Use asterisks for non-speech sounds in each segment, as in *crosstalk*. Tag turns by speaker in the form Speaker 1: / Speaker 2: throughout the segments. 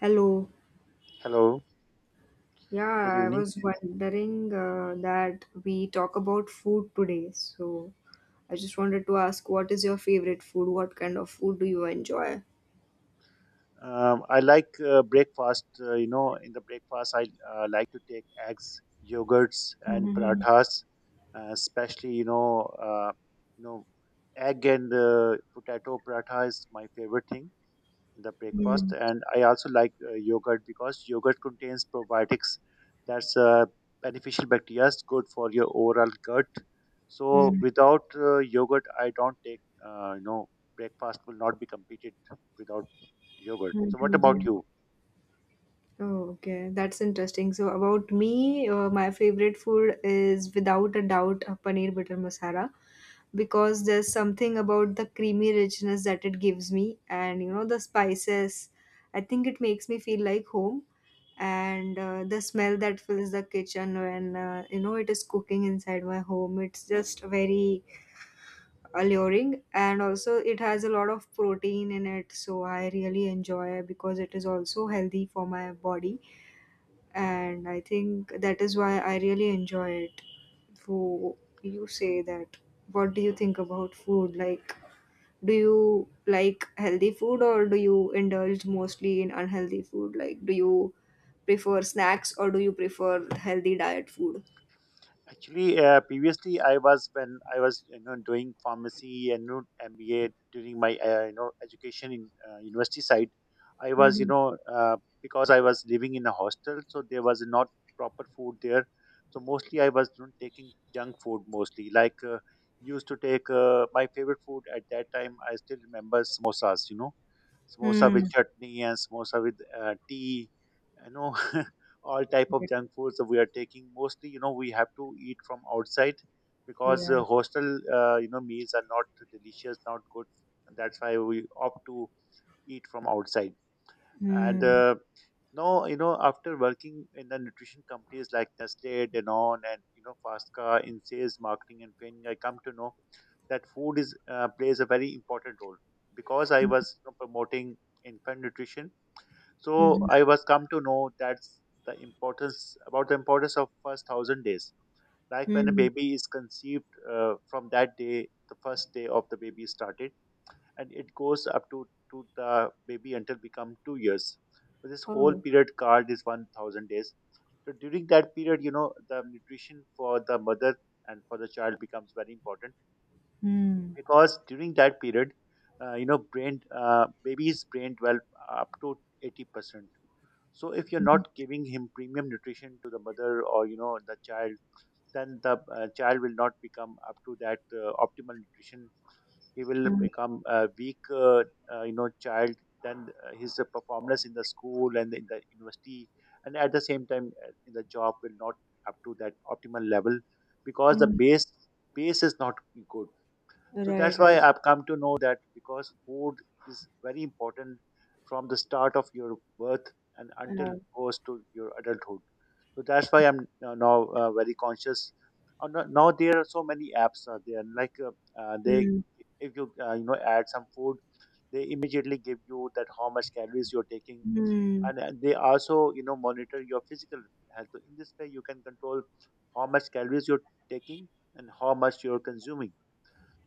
Speaker 1: Hello.
Speaker 2: Hello, good
Speaker 1: Yeah, I
Speaker 2: evening.
Speaker 1: was wondering that we talk about food today. So I just wanted to ask, what is your favorite food? What kind of food do you enjoy?
Speaker 2: I like breakfast. You know, in the breakfast, I like to take eggs, yogurts, and parathas, especially, you know, egg and potato paratha is my favorite thing. In the breakfast,
Speaker 1: Hmm.
Speaker 2: and I also like yogurt because yogurt contains probiotics, that's beneficial bacteria is good for your overall gut. So
Speaker 1: Hmm.
Speaker 2: without yogurt I don't take— uh, you know breakfast will not be completed without yogurt.
Speaker 1: Hmm,
Speaker 2: So what
Speaker 1: hmm,
Speaker 2: about
Speaker 1: hmm.
Speaker 2: you?
Speaker 1: Oh, okay. That's interesting. So about me, my favorite food is without a doubt a paneer butter masala because there's something about the creamy richness that it gives me and you know the spices. I think it makes me feel like home and the smell that fills the kitchen when you know it is cooking inside my home, it's just very alluring. And also it has a lot of protein in it, so I really enjoy it because it is also healthy for my body, and I think that is why I really enjoy it. Who you say that, what do you think about food, like do you like healthy food or do you indulge mostly in unhealthy food? Like, do you prefer snacks or do you prefer healthy diet food?
Speaker 2: Actually, previously I was when I was, doing pharmacy and, MBA during my education in university side. I was you
Speaker 1: Mm-hmm.
Speaker 2: know Because I was living in a hostel, so there was not proper food there. So mostly I was, taking junk food mostly. Like, used to take my favorite food at that time. I still remember samosas. You know, samosa
Speaker 1: Mm.
Speaker 2: with chutney and samosa with tea you know *laughs* all type of junk foods that we are taking mostly, we have to eat from outside, because
Speaker 1: Yeah.
Speaker 2: hostel meals are not delicious, not good. And that's why we opt to eat from outside. And
Speaker 1: Mm.
Speaker 2: no you know after working in the nutrition companies like Nestle, Danone, and Fasca in sales, marketing, and training, I come to know that food is— plays a very important role, because I was, promoting infant nutrition. So
Speaker 1: Mm-hmm.
Speaker 2: I was come to know that's the importance— about the importance of first 1,000 days, like when a
Speaker 1: Mm.
Speaker 2: baby is conceived, from that day the first day of the baby started, and it goes up to the baby until become 2 years. So this whole
Speaker 1: Oh.
Speaker 2: period called is 1,000 days. So during that period, the nutrition for the mother and for the child becomes very important.
Speaker 1: Mm.
Speaker 2: Because during that period, brain— baby's brain develop up to 80%. So if you're not giving him premium nutrition to the mother or, the child, then the child will not become up to that optimal nutrition. He will
Speaker 1: Mm.
Speaker 2: become a weak child, then his performance in the school and in the university, and at the same time in the job will not up to that optimal level, because the
Speaker 1: Mm.
Speaker 2: base is not good. So
Speaker 1: Right.
Speaker 2: that's why
Speaker 1: Right.
Speaker 2: I've come to know that, because food is very important from the start of your birth and until
Speaker 1: Uh,
Speaker 2: it goes to your adulthood. So that's why I'm now very conscious. Now there are so many apps are there, like, uh, they,
Speaker 1: mm.
Speaker 2: if you you know add some food, they immediately give you that how much calories you're taking,
Speaker 1: Mm.
Speaker 2: and they also, monitor your physical health. So in this way, you can control how much calories you're taking and how much you're consuming.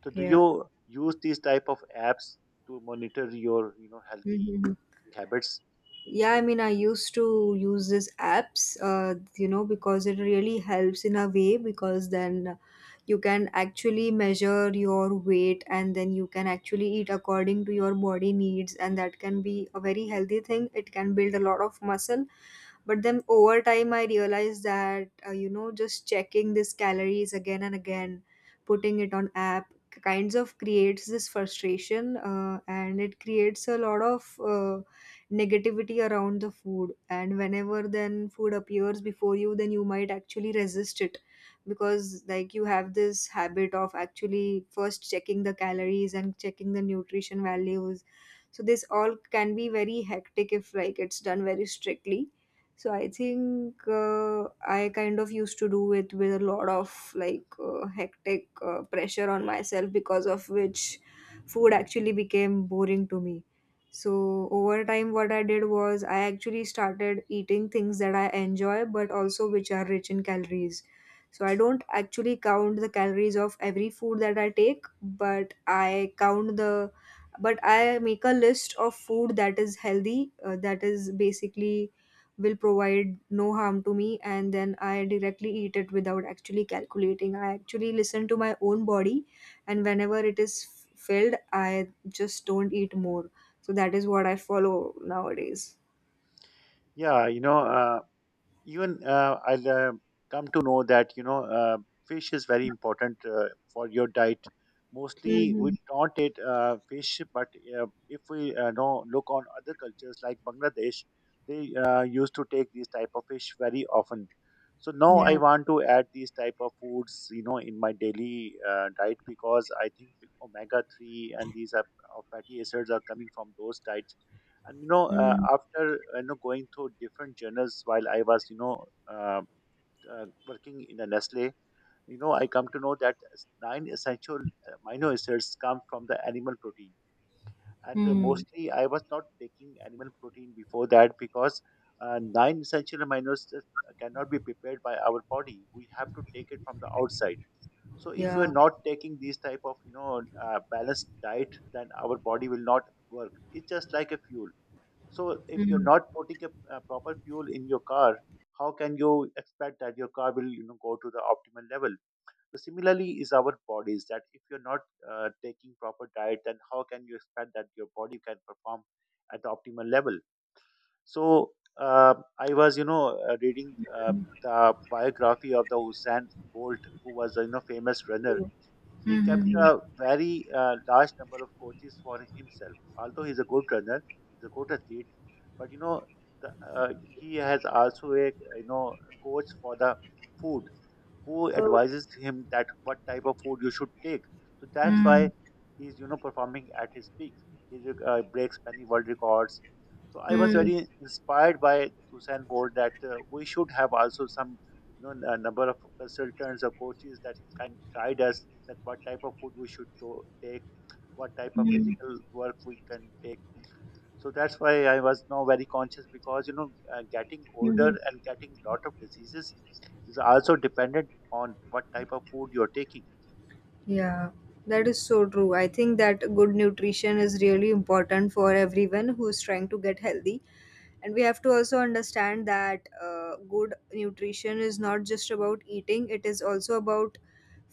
Speaker 2: So do
Speaker 1: Yeah.
Speaker 2: you use these type of apps to monitor your, healthy
Speaker 1: Mm-hmm.
Speaker 2: habits?
Speaker 1: Yeah, I mean, I used to use these apps, you know, because it really helps in a way, because then you can actually measure your weight and then you can actually eat according to your body needs, and that can be a very healthy thing. It can build a lot of muscle, but then over time I realized that you know, just checking these calories again and again, putting it on app kinds of creates this frustration, and it creates a lot of uh, negativity around the food. And whenever then food appears before you, then you might actually resist it because like you have this habit of actually first checking the calories and checking the nutrition values. So this all can be very hectic if like it's done very strictly. So I think I kind of used to do it with a lot of like hectic pressure on myself, because of which food actually became boring to me. So over time, what I did was I actually started eating things that I enjoy, but also which are rich in calories. So I don't actually count the calories of every food that I take, but I count the but I make a list of food that is healthy, that is basically will provide no harm to me, and then I directly eat it without actually calculating. I actually listen to my own body, and whenever it is filled, I just don't eat more. So that is what I follow nowadays.
Speaker 2: Yeah, you know. Even I'll come to know that, fish is very important for your diet. Mostly we
Speaker 1: Hmm.
Speaker 2: don't eat fish, but if we know look on other cultures like Bangladesh, they used to take these type of fish very often. So now I
Speaker 1: Yeah.
Speaker 2: want to add these type of foods, you know, in my daily diet, because I think omega three, and these are, fatty acids are coming from those diets. And,
Speaker 1: Mm-hmm.
Speaker 2: after, going through different journals while I was, uh, working in a Nestle, I come to know that nine essential amino acids come from the animal protein. And mostly I was not taking animal protein before that, because nine essential amino acids cannot be prepared by our body, we have to take it from the outside. So if you
Speaker 1: Yeah.
Speaker 2: are not taking these type of, balanced diet, then our body will not work. It's just like a fuel. So if you're
Speaker 1: Mm-hmm.
Speaker 2: not putting a proper fuel in your car, how can you expect that your car will, go to the optimal level? So similarly is our bodies, that if you're not taking proper diet, then how can you expect that your body can perform at the optimal level? So I was, reading the biography of the Usain Bolt, who was, famous runner. He kept
Speaker 1: Mm-hmm.
Speaker 2: a very large number of coaches for himself. Although he's a good runner, he's a good athlete, but, you know, he has also a, coach for the food, who
Speaker 1: Oh.
Speaker 2: advises him that what type of food you should take. So that's
Speaker 1: Mm.
Speaker 2: why he's, performing at his peak. He breaks many world records. So I was
Speaker 1: Mm.
Speaker 2: very inspired by Usain Bolt that we should have also some, number of consultants or coaches that can guide us that what type of food we should take, what type of
Speaker 1: Mm.
Speaker 2: physical work we can take. So that's why I was now very conscious, because, getting older
Speaker 1: Mhm.
Speaker 2: and getting lot of diseases is also dependent on what type of food you're taking.
Speaker 1: Yeah, that is so true. I think that good nutrition is really important for everyone who's trying to get healthy. And we have to also understand that good nutrition is not just about eating, it is also about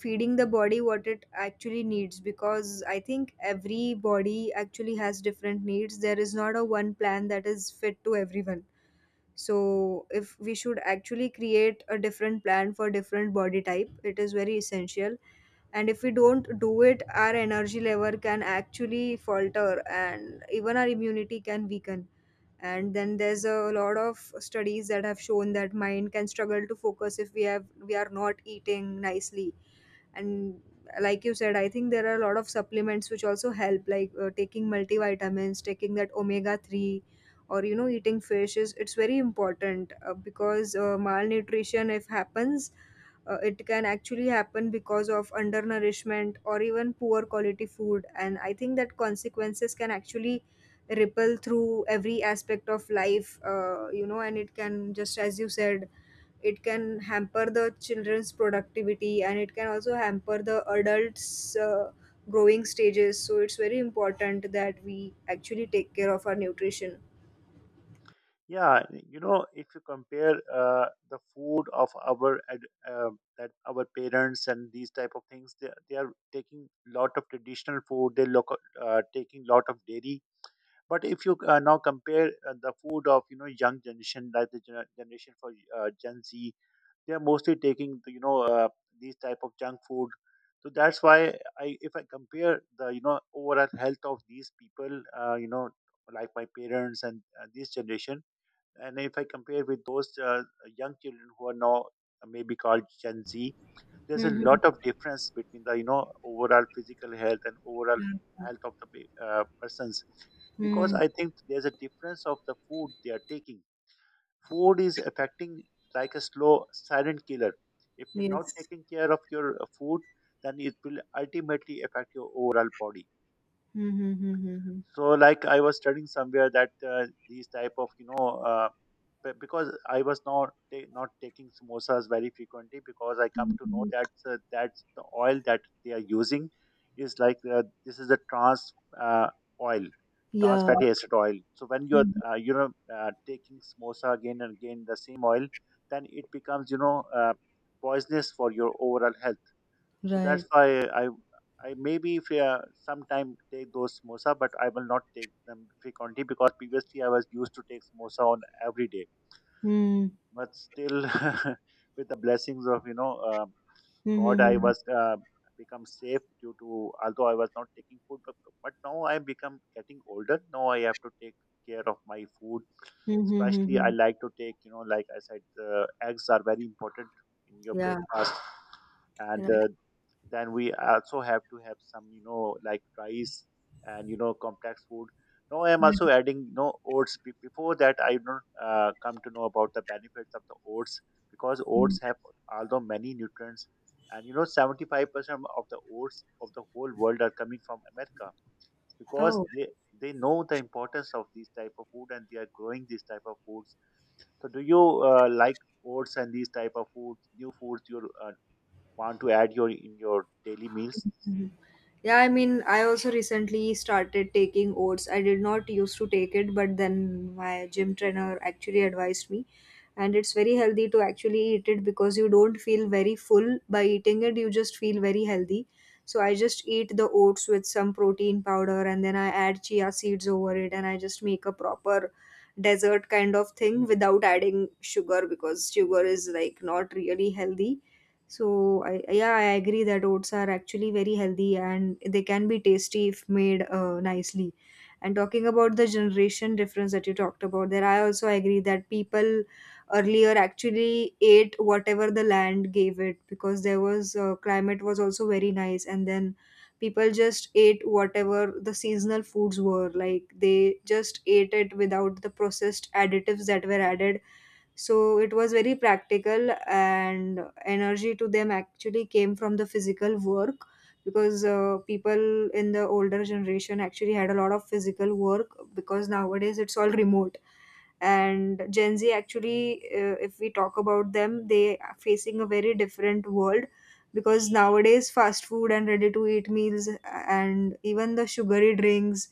Speaker 1: feeding the body what it actually needs, because I think every body actually has different needs. There is not a one plan that is fit to everyone. So if we should actually create a different plan for different body type, it is very essential. And if we don't do it, our energy level can actually falter and even our immunity can weaken. And then there's a lot of studies that have shown that mind can struggle to focus if we have we are not eating nicely. And like you said, I think there are a lot of supplements which also help, like taking multivitamins, taking that omega 3 or you know eating fish, is it's very important. Because malnutrition if happens, it can actually happen because of undernourishment or even poor quality food. And I think that consequences can actually ripple through every aspect of life, you know, and it can just, as you said, it can hamper the children's productivity and it can also hamper the adults' growing stages. So it's very important that we actually take care of our nutrition.
Speaker 2: Yeah, you know, if you compare the food of our that our parents and these type of things— they are taking lot of traditional food, they look— taking lot of dairy. But if you now compare the food of, young generation like the generation for Gen Z, they are mostly taking the, these type of junk food. So that's why I if I compare the, overall health of these people, like my parents and this generation, and if I compare with those young children who are now, maybe called Gen Z, there's a
Speaker 1: Hmm.
Speaker 2: lot of difference between the, overall physical health and overall
Speaker 1: Yeah.
Speaker 2: health of the persons. Because
Speaker 1: Hmm.
Speaker 2: I think there's a difference of the food they are taking. Food is affecting like a slow silent killer. If you're not
Speaker 1: Yes.
Speaker 2: taking care of your food, then it will ultimately affect your overall body.
Speaker 1: Mm-hmm.
Speaker 2: So like I was studying somewhere that these type of, uh, because I was not taking samosas very frequently, because I come to know
Speaker 1: Mm-hmm.
Speaker 2: that, that's the oil that they are using is like— this is a trans uh, oil— trans
Speaker 1: Yeah.
Speaker 2: fatty acid oil. So when you're
Speaker 1: Mhm.
Speaker 2: taking samosa again and again the same oil, then it becomes, poisonous for your overall health. So that's
Speaker 1: Right.
Speaker 2: why I maybe if sometime take those samosa, but I will not take them frequently, because previously I was used to take samosa on every day.
Speaker 1: Mm-hmm.
Speaker 2: But still, *laughs* with the blessings of, God, I
Speaker 1: Mm-hmm.
Speaker 2: was become safe due to— although I was not taking food, but now I become getting older. Now I have to take care of my food. Especially, I
Speaker 1: Mm-hmm.
Speaker 2: like to take, you know, like I said, eggs are very important in your
Speaker 1: Yeah.
Speaker 2: breakfast, and
Speaker 1: Right.
Speaker 2: then we also have to have some, like rice and, complex food. Now I am also adding, oats. Before that, I don't come to know about the benefits of the oats, because oats have although many nutrients. And, 75% of the oats of the whole world are coming from America, because
Speaker 1: Oh.
Speaker 2: they know the importance of these type of food and they are growing these type of foods. So do you like oats and these type of foods— new foods you're want to add your— in your daily meals?
Speaker 1: Yeah, I mean, I also recently started taking oats. I did not used to take it, but then my gym trainer actually advised me. And it's very healthy to actually eat it because you don't feel very full by eating it, you just feel very healthy. So I just eat the oats with some protein powder, and then I add chia seeds over it, and I just make a proper dessert kind of thing without adding sugar, because sugar is like not really healthy. So I, yeah, I agree that oats are actually very healthy and they can be tasty if made nicely. And talking about the generation difference that you talked about, there I also agree that people earlier actually ate whatever the land gave it, because there was climate was also very nice, and then people just ate whatever the seasonal foods were. Like they just ate it without the processed additives that were added. So it was very practical, and energy to them actually came from the physical work, because people in the older generation actually had a lot of physical work, because nowadays it's all remote. And Gen Z actually, if we talk about them, they are facing a very different world because nowadays fast food and ready to eat meals and even the sugary drinks,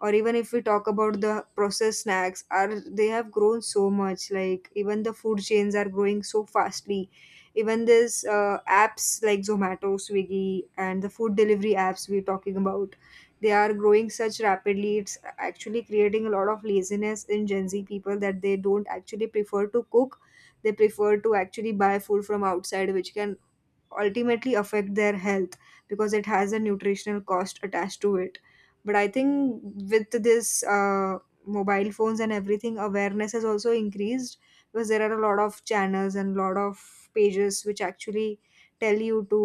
Speaker 1: or even if we talk about the processed snacks are, they have grown so much, like even the food chains are growing so fastly. Even this apps like Zomato, Swiggy and the food delivery apps we're talking about, they are growing such rapidly. It's actually creating a lot of laziness in Gen Z people that they don't actually prefer to cook. They prefer to actually buy food from outside, which can ultimately affect their health because it has a nutritional cost attached to it. But I think with this mobile phones and everything, awareness has also increased because there are a lot of channels and lot of pages which actually tell you to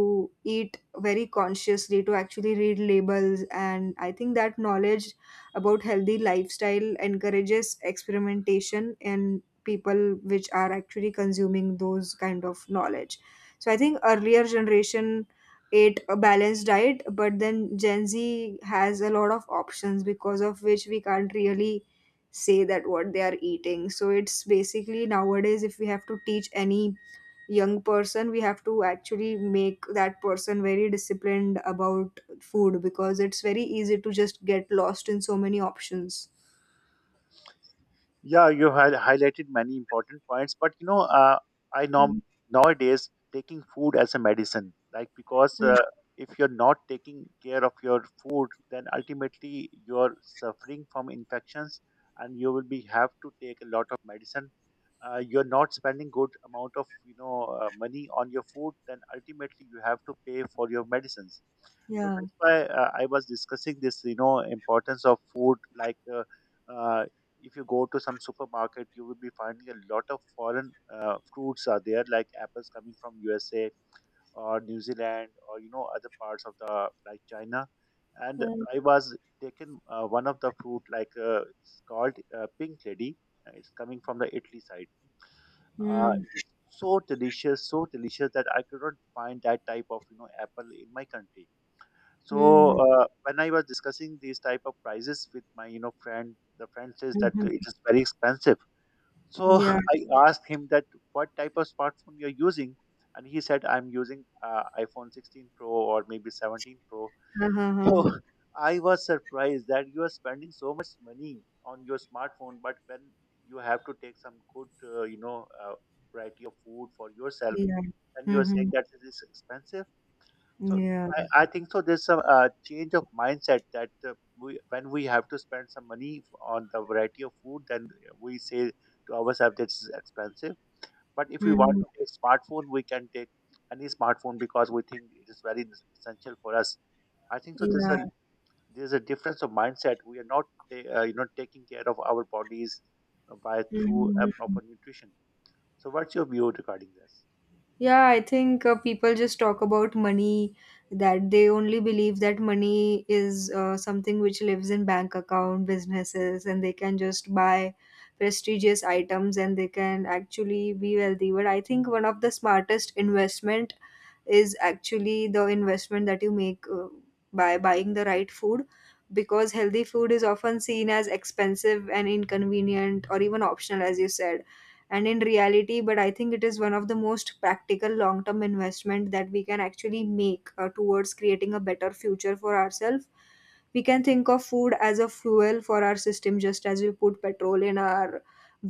Speaker 1: eat very consciously, to actually read labels. And I think that knowledge about healthy lifestyle encourages experimentation in people which are actually consuming those kind of knowledge. So I think earlier generation ate a balanced diet, but then Gen Z has a lot of options, because of which we can't really say that what they are eating. So it's basically nowadays if we have to teach any young person, we have to actually make that person very disciplined about food, because it's very easy to just get lost in so many options.
Speaker 2: Yeah, you had highlighted many important points. But, you know, I norm
Speaker 1: Mm,
Speaker 2: nowadays taking food as a medicine, like, because
Speaker 1: mm.
Speaker 2: if you're not taking care of your food, then ultimately you're suffering from infections, and you will be have to take a lot of medicine. You're not spending good amount of, money on your food, then ultimately you have to pay for your medicines. So
Speaker 1: Yeah.
Speaker 2: that's why I was discussing this, you know, importance of food, like. Uh, if you go to some supermarket, you will be finding a lot of foreign fruits are there, like apples coming from USA or New Zealand or, other parts of the, like, China. And
Speaker 1: Mm,
Speaker 2: I was taken one of the fruit, like it's called Pink Lady. It's coming from the Italy side.
Speaker 1: mm,
Speaker 2: It's so delicious that I could not find that type of apple in my country. So
Speaker 1: mm,
Speaker 2: when I was discussing these type of prices with my friend, the friend says that it
Speaker 1: mhm.
Speaker 2: is very expensive. So
Speaker 1: Yeah.
Speaker 2: *laughs* I asked him that what type of smartphone you're using, and he said I'm using iPhone 16 Pro or maybe 17 Pro. *laughs* So
Speaker 1: *laughs*
Speaker 2: I was surprised that you are spending so much money on your smartphone, but when you have to take some good, variety of food for yourself,
Speaker 1: Yeah.
Speaker 2: and you're saying
Speaker 1: Mhm.
Speaker 2: that it is expensive. So
Speaker 1: Yeah.
Speaker 2: I think so. There's some change of mindset that when we have to spend some money on the variety of food, then we say to ourselves this is expensive. But if we want
Speaker 1: Mhm.
Speaker 2: to take smartphone, we can take any smartphone because we think it is very essential for us. I think so.
Speaker 1: Yeah.
Speaker 2: There's a difference of mindset. We are not taking care of our bodies by through a proper
Speaker 1: Mhm.
Speaker 2: nutrition. So what's your view regarding this?
Speaker 1: Yeah, I think people just talk about money, that they only believe that money is something which lives in bank account businesses and they can just buy prestigious items and they can actually be wealthy. But I think one of the smartest investment is actually the investment that you make by buying the right food, because healthy food is often seen as expensive and inconvenient or even optional, as you said. And in reality, but I think it is one of the most practical long term investment that we can actually make towards creating a better future for ourselves. We can think of food as a fuel for our system, just as we put petrol in our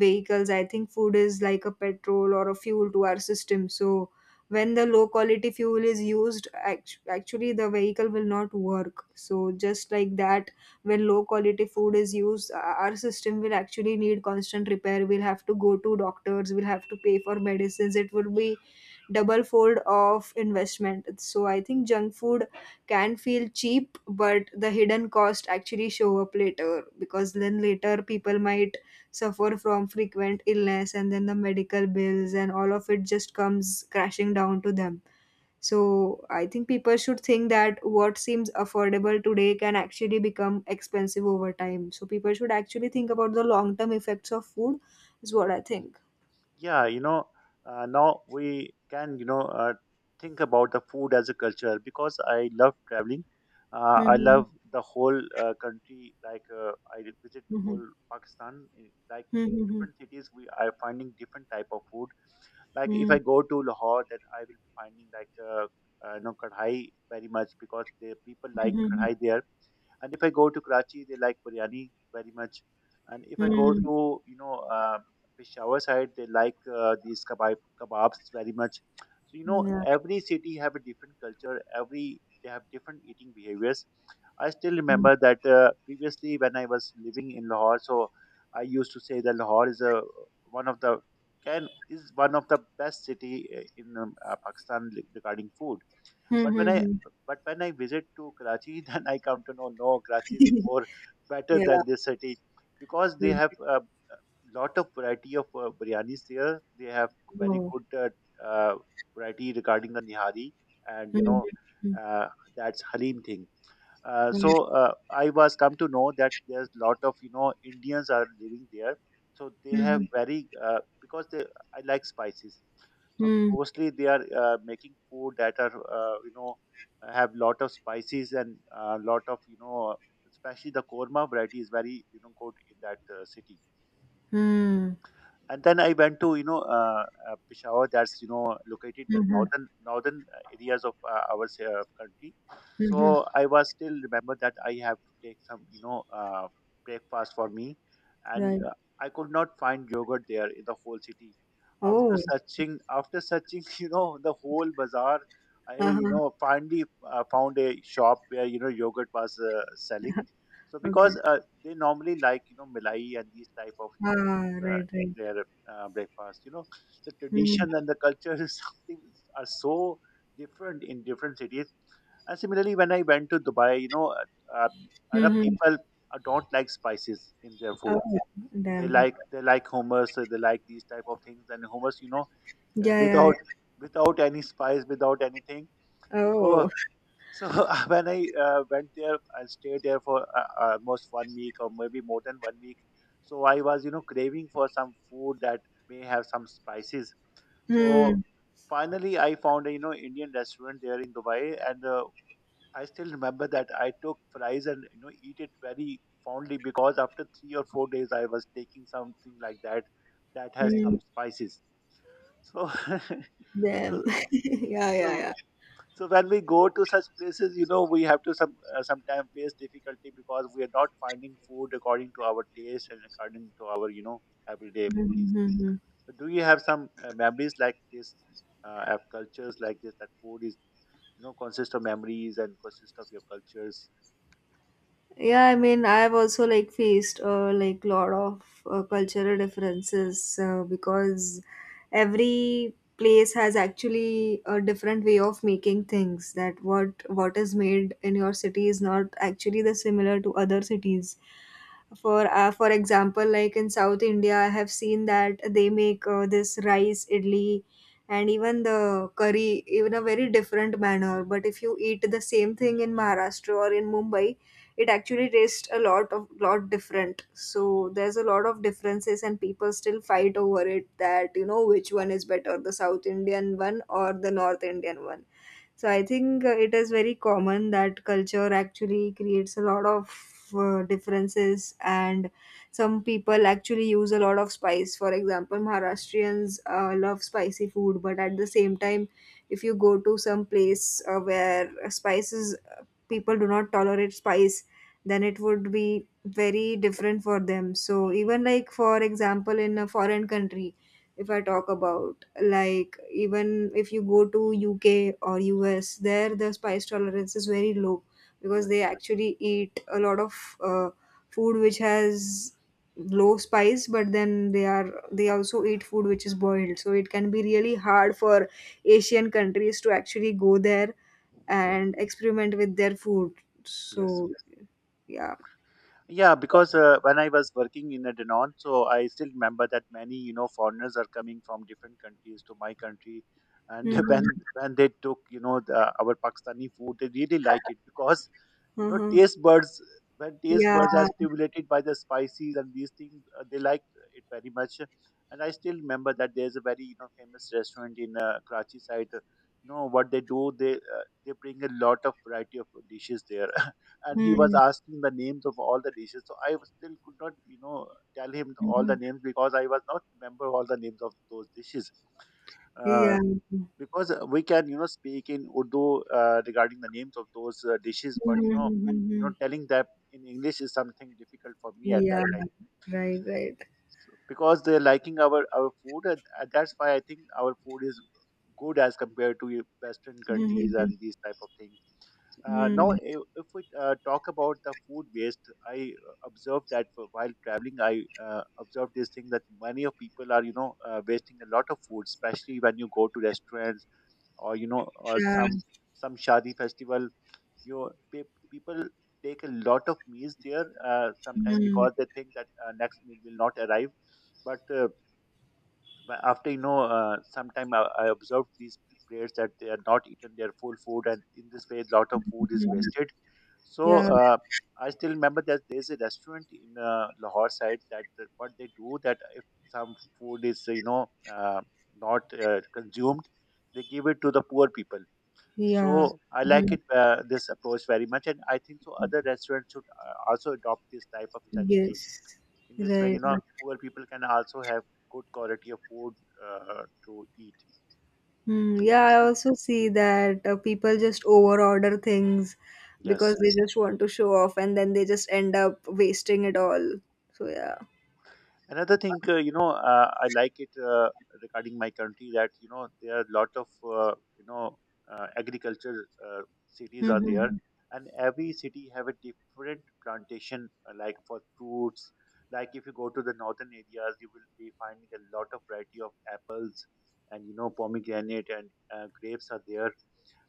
Speaker 1: vehicles. I think food is like a petrol or a fuel to our system. So when the low quality fuel is used, actually the vehicle will not work. So just like that, when low quality food is used, our system will actually need constant repair. We'll have to go to doctors, we'll have to pay for medicines. It would be double fold of investment. So I think junk food can feel cheap, but the hidden cost actually show up later, because then later people might suffer from frequent illness and then the medical bills and all of it just comes crashing down to them. So I think people should think that what seems affordable today can actually become expensive over time. So people should actually think about the long term effects of food is what I think.
Speaker 2: Yeah, you know, now we can, you know, think about the food as a culture because I love traveling. I
Speaker 1: Mhm.
Speaker 2: love the whole country. Like I did visit
Speaker 1: Mhm.
Speaker 2: whole Pakistan. Like in
Speaker 1: Mhm.
Speaker 2: different cities, we are finding different type of food. Like if
Speaker 1: Mhm.
Speaker 2: I go to Lahore, then I will be finding like kadhai very much because the people like
Speaker 1: Mhm. Mhm.
Speaker 2: kadhai there. And if I go to Karachi, they like biryani very much. And if I go
Speaker 1: Mhm.
Speaker 2: to Peshawar side, they like these kebabs very much. So you know
Speaker 1: Yeah.
Speaker 2: every city have a different culture. Every they have different eating behaviors. I still
Speaker 1: Mhm.
Speaker 2: remember that previously when I was living in Lahore, so I used to say that Lahore is a one of the can is one of the best city in Pakistan regarding food. But when I but when I visit to Karachi, *laughs* then I come to know no
Speaker 1: *laughs*
Speaker 2: Karachi is
Speaker 1: Mhm.
Speaker 2: more better
Speaker 1: Yeah.
Speaker 2: than this city because they
Speaker 1: Mhm.
Speaker 2: have a lot of variety of biryanis there. They have very
Speaker 1: Mhm.
Speaker 2: good uh, uh, variety regarding the nihari and
Speaker 1: Mhm.
Speaker 2: uh, that's halim thing.
Speaker 1: Mhm.
Speaker 2: I was come to know that there's lot of Indians are living there. So they have
Speaker 1: Mhm.
Speaker 2: very because they I like spices. So
Speaker 1: Mhm.
Speaker 2: mostly they are making food that are have lot of spices and lot of especially the korma variety is very good in that city.
Speaker 1: Mhm.
Speaker 2: And then I went to Peshawar, that's located in the
Speaker 1: Mhm.
Speaker 2: northern areas of our country.
Speaker 1: Mhm.
Speaker 2: So I was still remember that I have to take some breakfast for me, and
Speaker 1: Right.
Speaker 2: I could not find yogurt there in the whole city.
Speaker 1: Oh.
Speaker 2: After searching, *laughs* you know the whole bazaar, I
Speaker 1: Uh-huh.
Speaker 2: finally found a shop where yogurt was selling so
Speaker 1: Okay.
Speaker 2: because they normally like milai and these type of things
Speaker 1: Ah, right,
Speaker 2: in
Speaker 1: right.
Speaker 2: their breakfast, you know the
Speaker 1: Mhm.
Speaker 2: tradition and the culture is *laughs* something are so different in different cities. And similarly, when I went to Dubai, you know, uh, Arab
Speaker 1: Mhm.
Speaker 2: people don't like spices in their
Speaker 1: Oh,
Speaker 2: food.
Speaker 1: damn. Okay.
Speaker 2: They like hummus, they like these type of things, and hummus, you know,
Speaker 1: Yeah, yeah,
Speaker 2: without
Speaker 1: yeah.
Speaker 2: without any spice, without anything.
Speaker 1: Oh.
Speaker 2: So.
Speaker 1: *laughs*
Speaker 2: So *laughs* when I went there, I stayed there for almost 1 week or maybe more than 1 week. So I was, you know, craving for some food that may have some spices. So
Speaker 1: Mm.
Speaker 2: finally, I found a, you know, Indian restaurant there in Dubai, and I still remember that I took fries and eat it very fondly because after 3 or 4 days, I was taking something like that that has
Speaker 1: Mm.
Speaker 2: some spices. So, *laughs*
Speaker 1: Damn.
Speaker 2: so
Speaker 1: *laughs* Yeah, yeah,
Speaker 2: so
Speaker 1: yeah.
Speaker 2: so when we go to such places, you know, we have to some sometimes face difficulty because we are not finding food according to our taste and according to our everyday needs.
Speaker 1: Mhm. Mhm.
Speaker 2: So do you have some memories like this? Have cultures like this that food is you know consists of memories and consists of your cultures.
Speaker 1: Yeah, I mean, I've also like faced like lot of cultural differences because every place has actually a different way of making things. That what is made in your city is not actually the similar to other cities. For for example, like in South India, I have seen that they make this rice idli, and even the curry in a very different manner. But if you eat the same thing in Maharashtra or in Mumbai, it actually tastes a lot different. So there's a lot of differences and people still fight over it, that you know which one is better, the South Indian one or the North Indian one. So I think it is very common that culture actually creates a lot of differences. And some people actually use a lot of spice. For example, Maharashtrians love spicy food, but at the same time, if you go to some place where spices, people do not tolerate spice, then it would be very different for them. So even, like, for example, in a foreign country, if I talk about, like, even if you go to UK or US, there the spice tolerance is very low, because they
Speaker 2: Yes.
Speaker 1: actually eat a lot of uh, food which has low spice, but then they also eat food which is boiled. So it can be really hard for Asian countries to actually go there and experiment with their food.
Speaker 2: Yes.
Speaker 1: So yeah.
Speaker 2: Yeah, because when I was working in a Danone, so I still remember that many, you know, foreigners are coming from different countries to my country, and *laughs* when
Speaker 1: Mhm.
Speaker 2: when they took, you know, our Pakistani food, they really like it because, you know,
Speaker 1: Uh-huh.
Speaker 2: taste buds when taste
Speaker 1: Yeah.
Speaker 2: buds are stimulated by the spices and these things, they like it very much. And I still remember that there's a very, you know, famous restaurant in Karachi side. You know what they do? They bring a lot of variety of dishes there. *laughs* And he was
Speaker 1: Mhm.
Speaker 2: asking the names of all the dishes. So I still could not, you know, tell him all the
Speaker 1: Mhm.
Speaker 2: names because I was not remember all the names of those dishes.
Speaker 1: Yeah.
Speaker 2: Uh, because we can, you know, speak in Urdu regarding the names of those dishes, but you know,
Speaker 1: Mhm.
Speaker 2: telling that in English is something difficult for me at
Speaker 1: Yeah.
Speaker 2: that time.
Speaker 1: Right, right.
Speaker 2: So, because they're liking our food, and that's why I think our food is good as compared to Western countries
Speaker 1: Mhm.
Speaker 2: and these type of things. Now,
Speaker 1: Mhm.
Speaker 2: if we talk about the food waste, I observed that while traveling, I observed this thing that many of people are, you know, wasting a lot of food, especially when you go to restaurants or you know, or
Speaker 1: Yeah.
Speaker 2: some shadi festival. People take a lot of meals there sometime
Speaker 1: Mhm.
Speaker 2: because they think that next meal will not arrive, but after sometime I observed these players that they are not eaten their full food, and in this way a lot of food is
Speaker 1: Mhm.
Speaker 2: wasted. So
Speaker 1: Yeah.
Speaker 2: I still remember that there's a restaurant in Lahore side that that what they do that if some food is uh, not consumed, they give it to the poor people.
Speaker 1: Yeah.
Speaker 2: So I like
Speaker 1: Mhm.
Speaker 2: it this approach very much, and I think so other restaurants should also adopt this type of strategy.
Speaker 1: Yes,
Speaker 2: In this way,
Speaker 1: right.
Speaker 2: you know,
Speaker 1: Right.
Speaker 2: poor people can also have good quality of food to eat
Speaker 1: Hmm. Yeah, I
Speaker 2: and,
Speaker 1: also see that people just overorder things because
Speaker 2: yes,
Speaker 1: they just want to show off, and then they just end up wasting it all. So, yeah.
Speaker 2: another thing I like it regarding my country that you know there are a lot of uh, you know agriculture uh, cities are there,
Speaker 1: Mhm,
Speaker 2: and every city have a different plantation like for fruits. Like if you go to the northern areas, you will be finding a lot of variety of apples and you know pomegranate and grapes are there.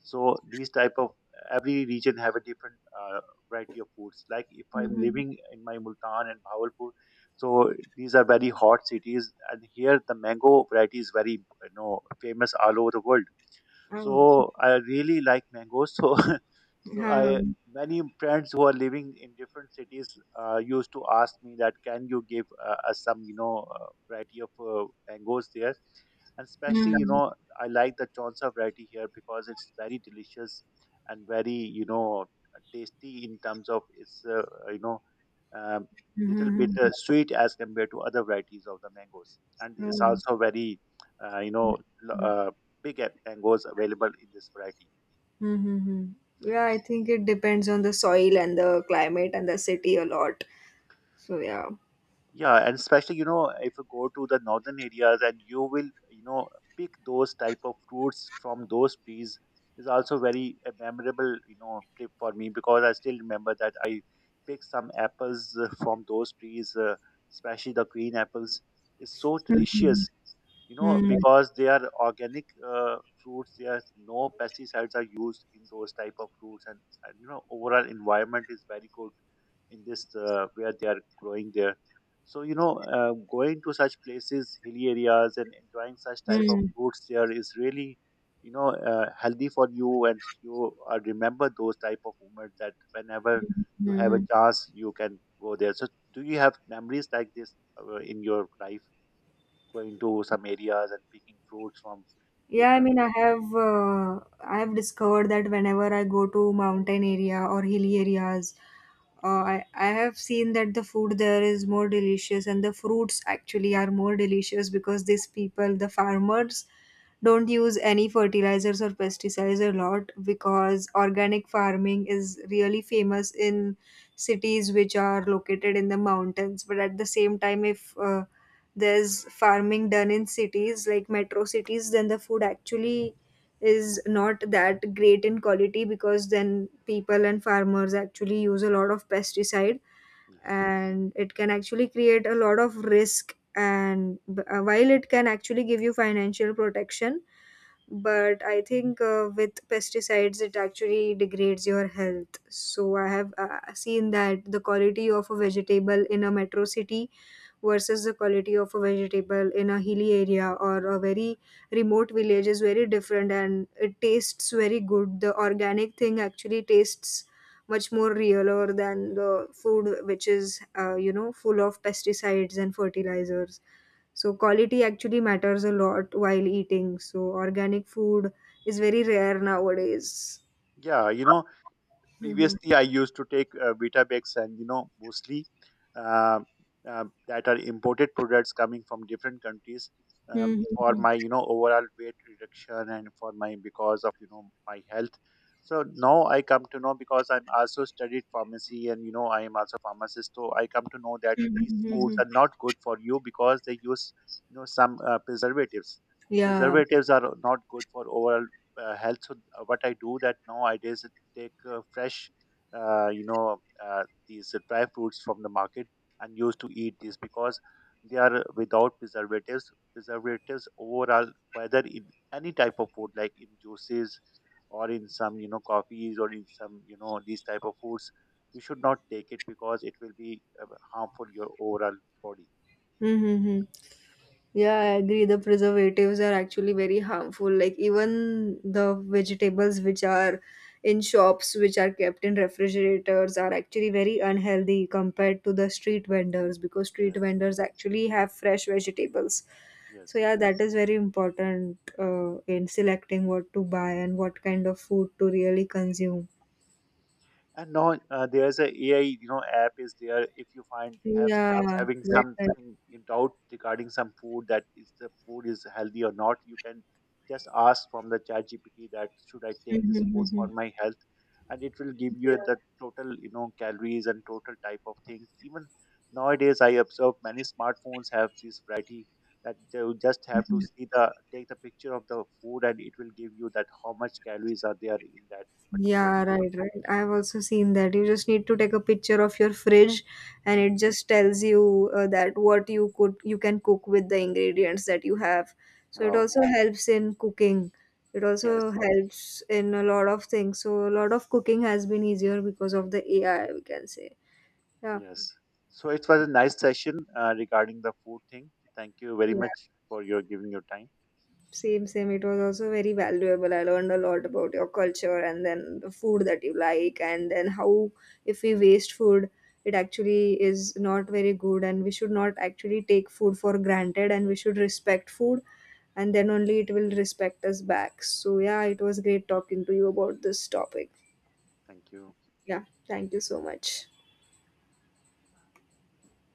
Speaker 2: So these type of every region have a different variety of foods. Like if
Speaker 1: mhm,
Speaker 2: I'm
Speaker 1: mhm.
Speaker 2: living in my Multan and Bahawalpur, so these are very hot cities, and here the mango variety is very you know famous all over the world.
Speaker 1: Oh,
Speaker 2: So I really like mangoes. So *laughs* So
Speaker 1: ha.
Speaker 2: I many friends who are living in different cities used to ask me that can you give us some variety of mangoes there, and especially you
Speaker 1: Mhm,
Speaker 2: know I like the chonsa variety here because it's very delicious and very you know tasty in terms of its you know um, little
Speaker 1: mhm,
Speaker 2: bit
Speaker 1: mhm.
Speaker 2: sweet as compared to other varieties of the mangoes, and it's
Speaker 1: Oh.
Speaker 2: also very you know l- uh, big mangoes available in this variety.
Speaker 1: Mhm, mhm. Yeah, I think it depends on the soil and the climate and the city a lot. So yeah.
Speaker 2: Yeah, and especially, you know, if you go to the northern areas and you will, you know, pick those type of fruits from those trees is also very a memorable, you know, trip for me because I still remember that I picked some apples from those trees, especially the green apples. It's so
Speaker 1: Mhm,
Speaker 2: delicious you know
Speaker 1: mhm,
Speaker 2: because they are organic fruits. There are no pesticides are used in those type of fruits, and you know overall environment is very good in this where they are growing there. So you know going to such places hilly areas and enjoying such type of
Speaker 1: mhm,
Speaker 2: fruits there is really you know healthy for you, and you remember those type of moments that whenever you
Speaker 1: mhm,
Speaker 2: have a
Speaker 1: mhm.
Speaker 2: chance you can go there. So do you have memories like this in your life going to some areas and picking fruits from
Speaker 1: Yeah, I
Speaker 2: different?
Speaker 1: mean, I have discovered that whenever I go to mountain area or hilly areas, uh, I have seen that the food there is more delicious, and the fruits actually are more delicious, because these people, the farmers, don't use any fertilizers or pesticides a lot, because organic farming is really famous in cities which are located in the mountains. But at the same time, if there's farming done in cities like metro cities, then the food actually is not that great in quality, because then people and farmers actually use a lot of pesticide,
Speaker 2: Yes.
Speaker 1: and it can actually create a lot of risk, and while it can actually give you financial protection, but I think with pesticides it actually degrades your health. So I have seen that the quality of a vegetable in a metro city versus the quality of a vegetable in a hilly area or a very remote village is very different, and it tastes very good. The organic thing actually tastes much more realer than the food which is full of pesticides and fertilizers. So quality actually matters a lot while eating, so organic food is very rare nowadays.
Speaker 2: Yeah, you know,
Speaker 1: Mhm.
Speaker 2: previously I used to take vitabex and you know mostly uh, that are imported products coming from different countries,
Speaker 1: Mhm.
Speaker 2: for
Speaker 1: Mhm.
Speaker 2: my you know overall weight reduction and for my because of you know my health. So now I come to know because I'm also studied pharmacy and you know I am also pharmacist, so I come to know that
Speaker 1: Mhm.
Speaker 2: these foods
Speaker 1: Mhm.
Speaker 2: are not good for you because they use you know some preservatives
Speaker 1: Yeah.
Speaker 2: preservatives are not good for overall health. So what I do that nowadays take fresh, uh, you know, these dry fruits from the market and used to eat these because they are without preservatives. Preservatives overall, whether in any type of food, like in juices or in some, you know, coffees or in some, you know, these type of foods, you should not take it because it will be harmful your overall body.
Speaker 1: Mm-hmm. Yeah, I agree. The preservatives are actually very harmful. Like, even the vegetables which are in shops, which are kept in refrigerators, are actually very unhealthy compared to the street vendors, because street
Speaker 2: Yes,
Speaker 1: vendors actually have fresh vegetables. So
Speaker 2: yes.
Speaker 1: yeah, that is very important in selecting what to buy and what kind of food to really consume.
Speaker 2: And now there's a AI, you know, app is there. If you find have
Speaker 1: Yeah,
Speaker 2: having
Speaker 1: right.
Speaker 2: something in doubt regarding some food that is the food is healthy or not, you can just ask from the chat GPT that should I take
Speaker 1: Mhm,
Speaker 2: this
Speaker 1: mhm,
Speaker 2: food for
Speaker 1: mhm.
Speaker 2: my health, and it will give you
Speaker 1: Yeah.
Speaker 2: the total, you know, calories and total type of things. Even nowadays, I observe many smartphones have this variety that you just have to see the take the picture of the food and it will give you that how much calories are there in that particular
Speaker 1: Yeah,
Speaker 2: food.
Speaker 1: right, right. I've also seen that. You just need to take a picture of your fridge, and it
Speaker 2: Hmm.
Speaker 1: just tells you that what you could you can cook with the ingredients that you have. So it
Speaker 2: Wow.
Speaker 1: also helps in cooking. It also
Speaker 2: Yes,
Speaker 1: helps in a lot of things. So a lot of cooking has been easier because of the AI, we can say. Yeah,
Speaker 2: yes. So it was a nice session regarding the food thing. Thank you very
Speaker 1: yeah.
Speaker 2: much for your giving your time.
Speaker 1: Same, same. It was also very valuable. I learned a lot about your culture and then the food that you like, and then how if we waste food, it actually is not very good, and we should not actually take food for granted, and we should respect food, and then only it will respect us back. So, yeah, it was great talking to you about this topic.
Speaker 2: Thank you.
Speaker 1: Yeah, thank you so much.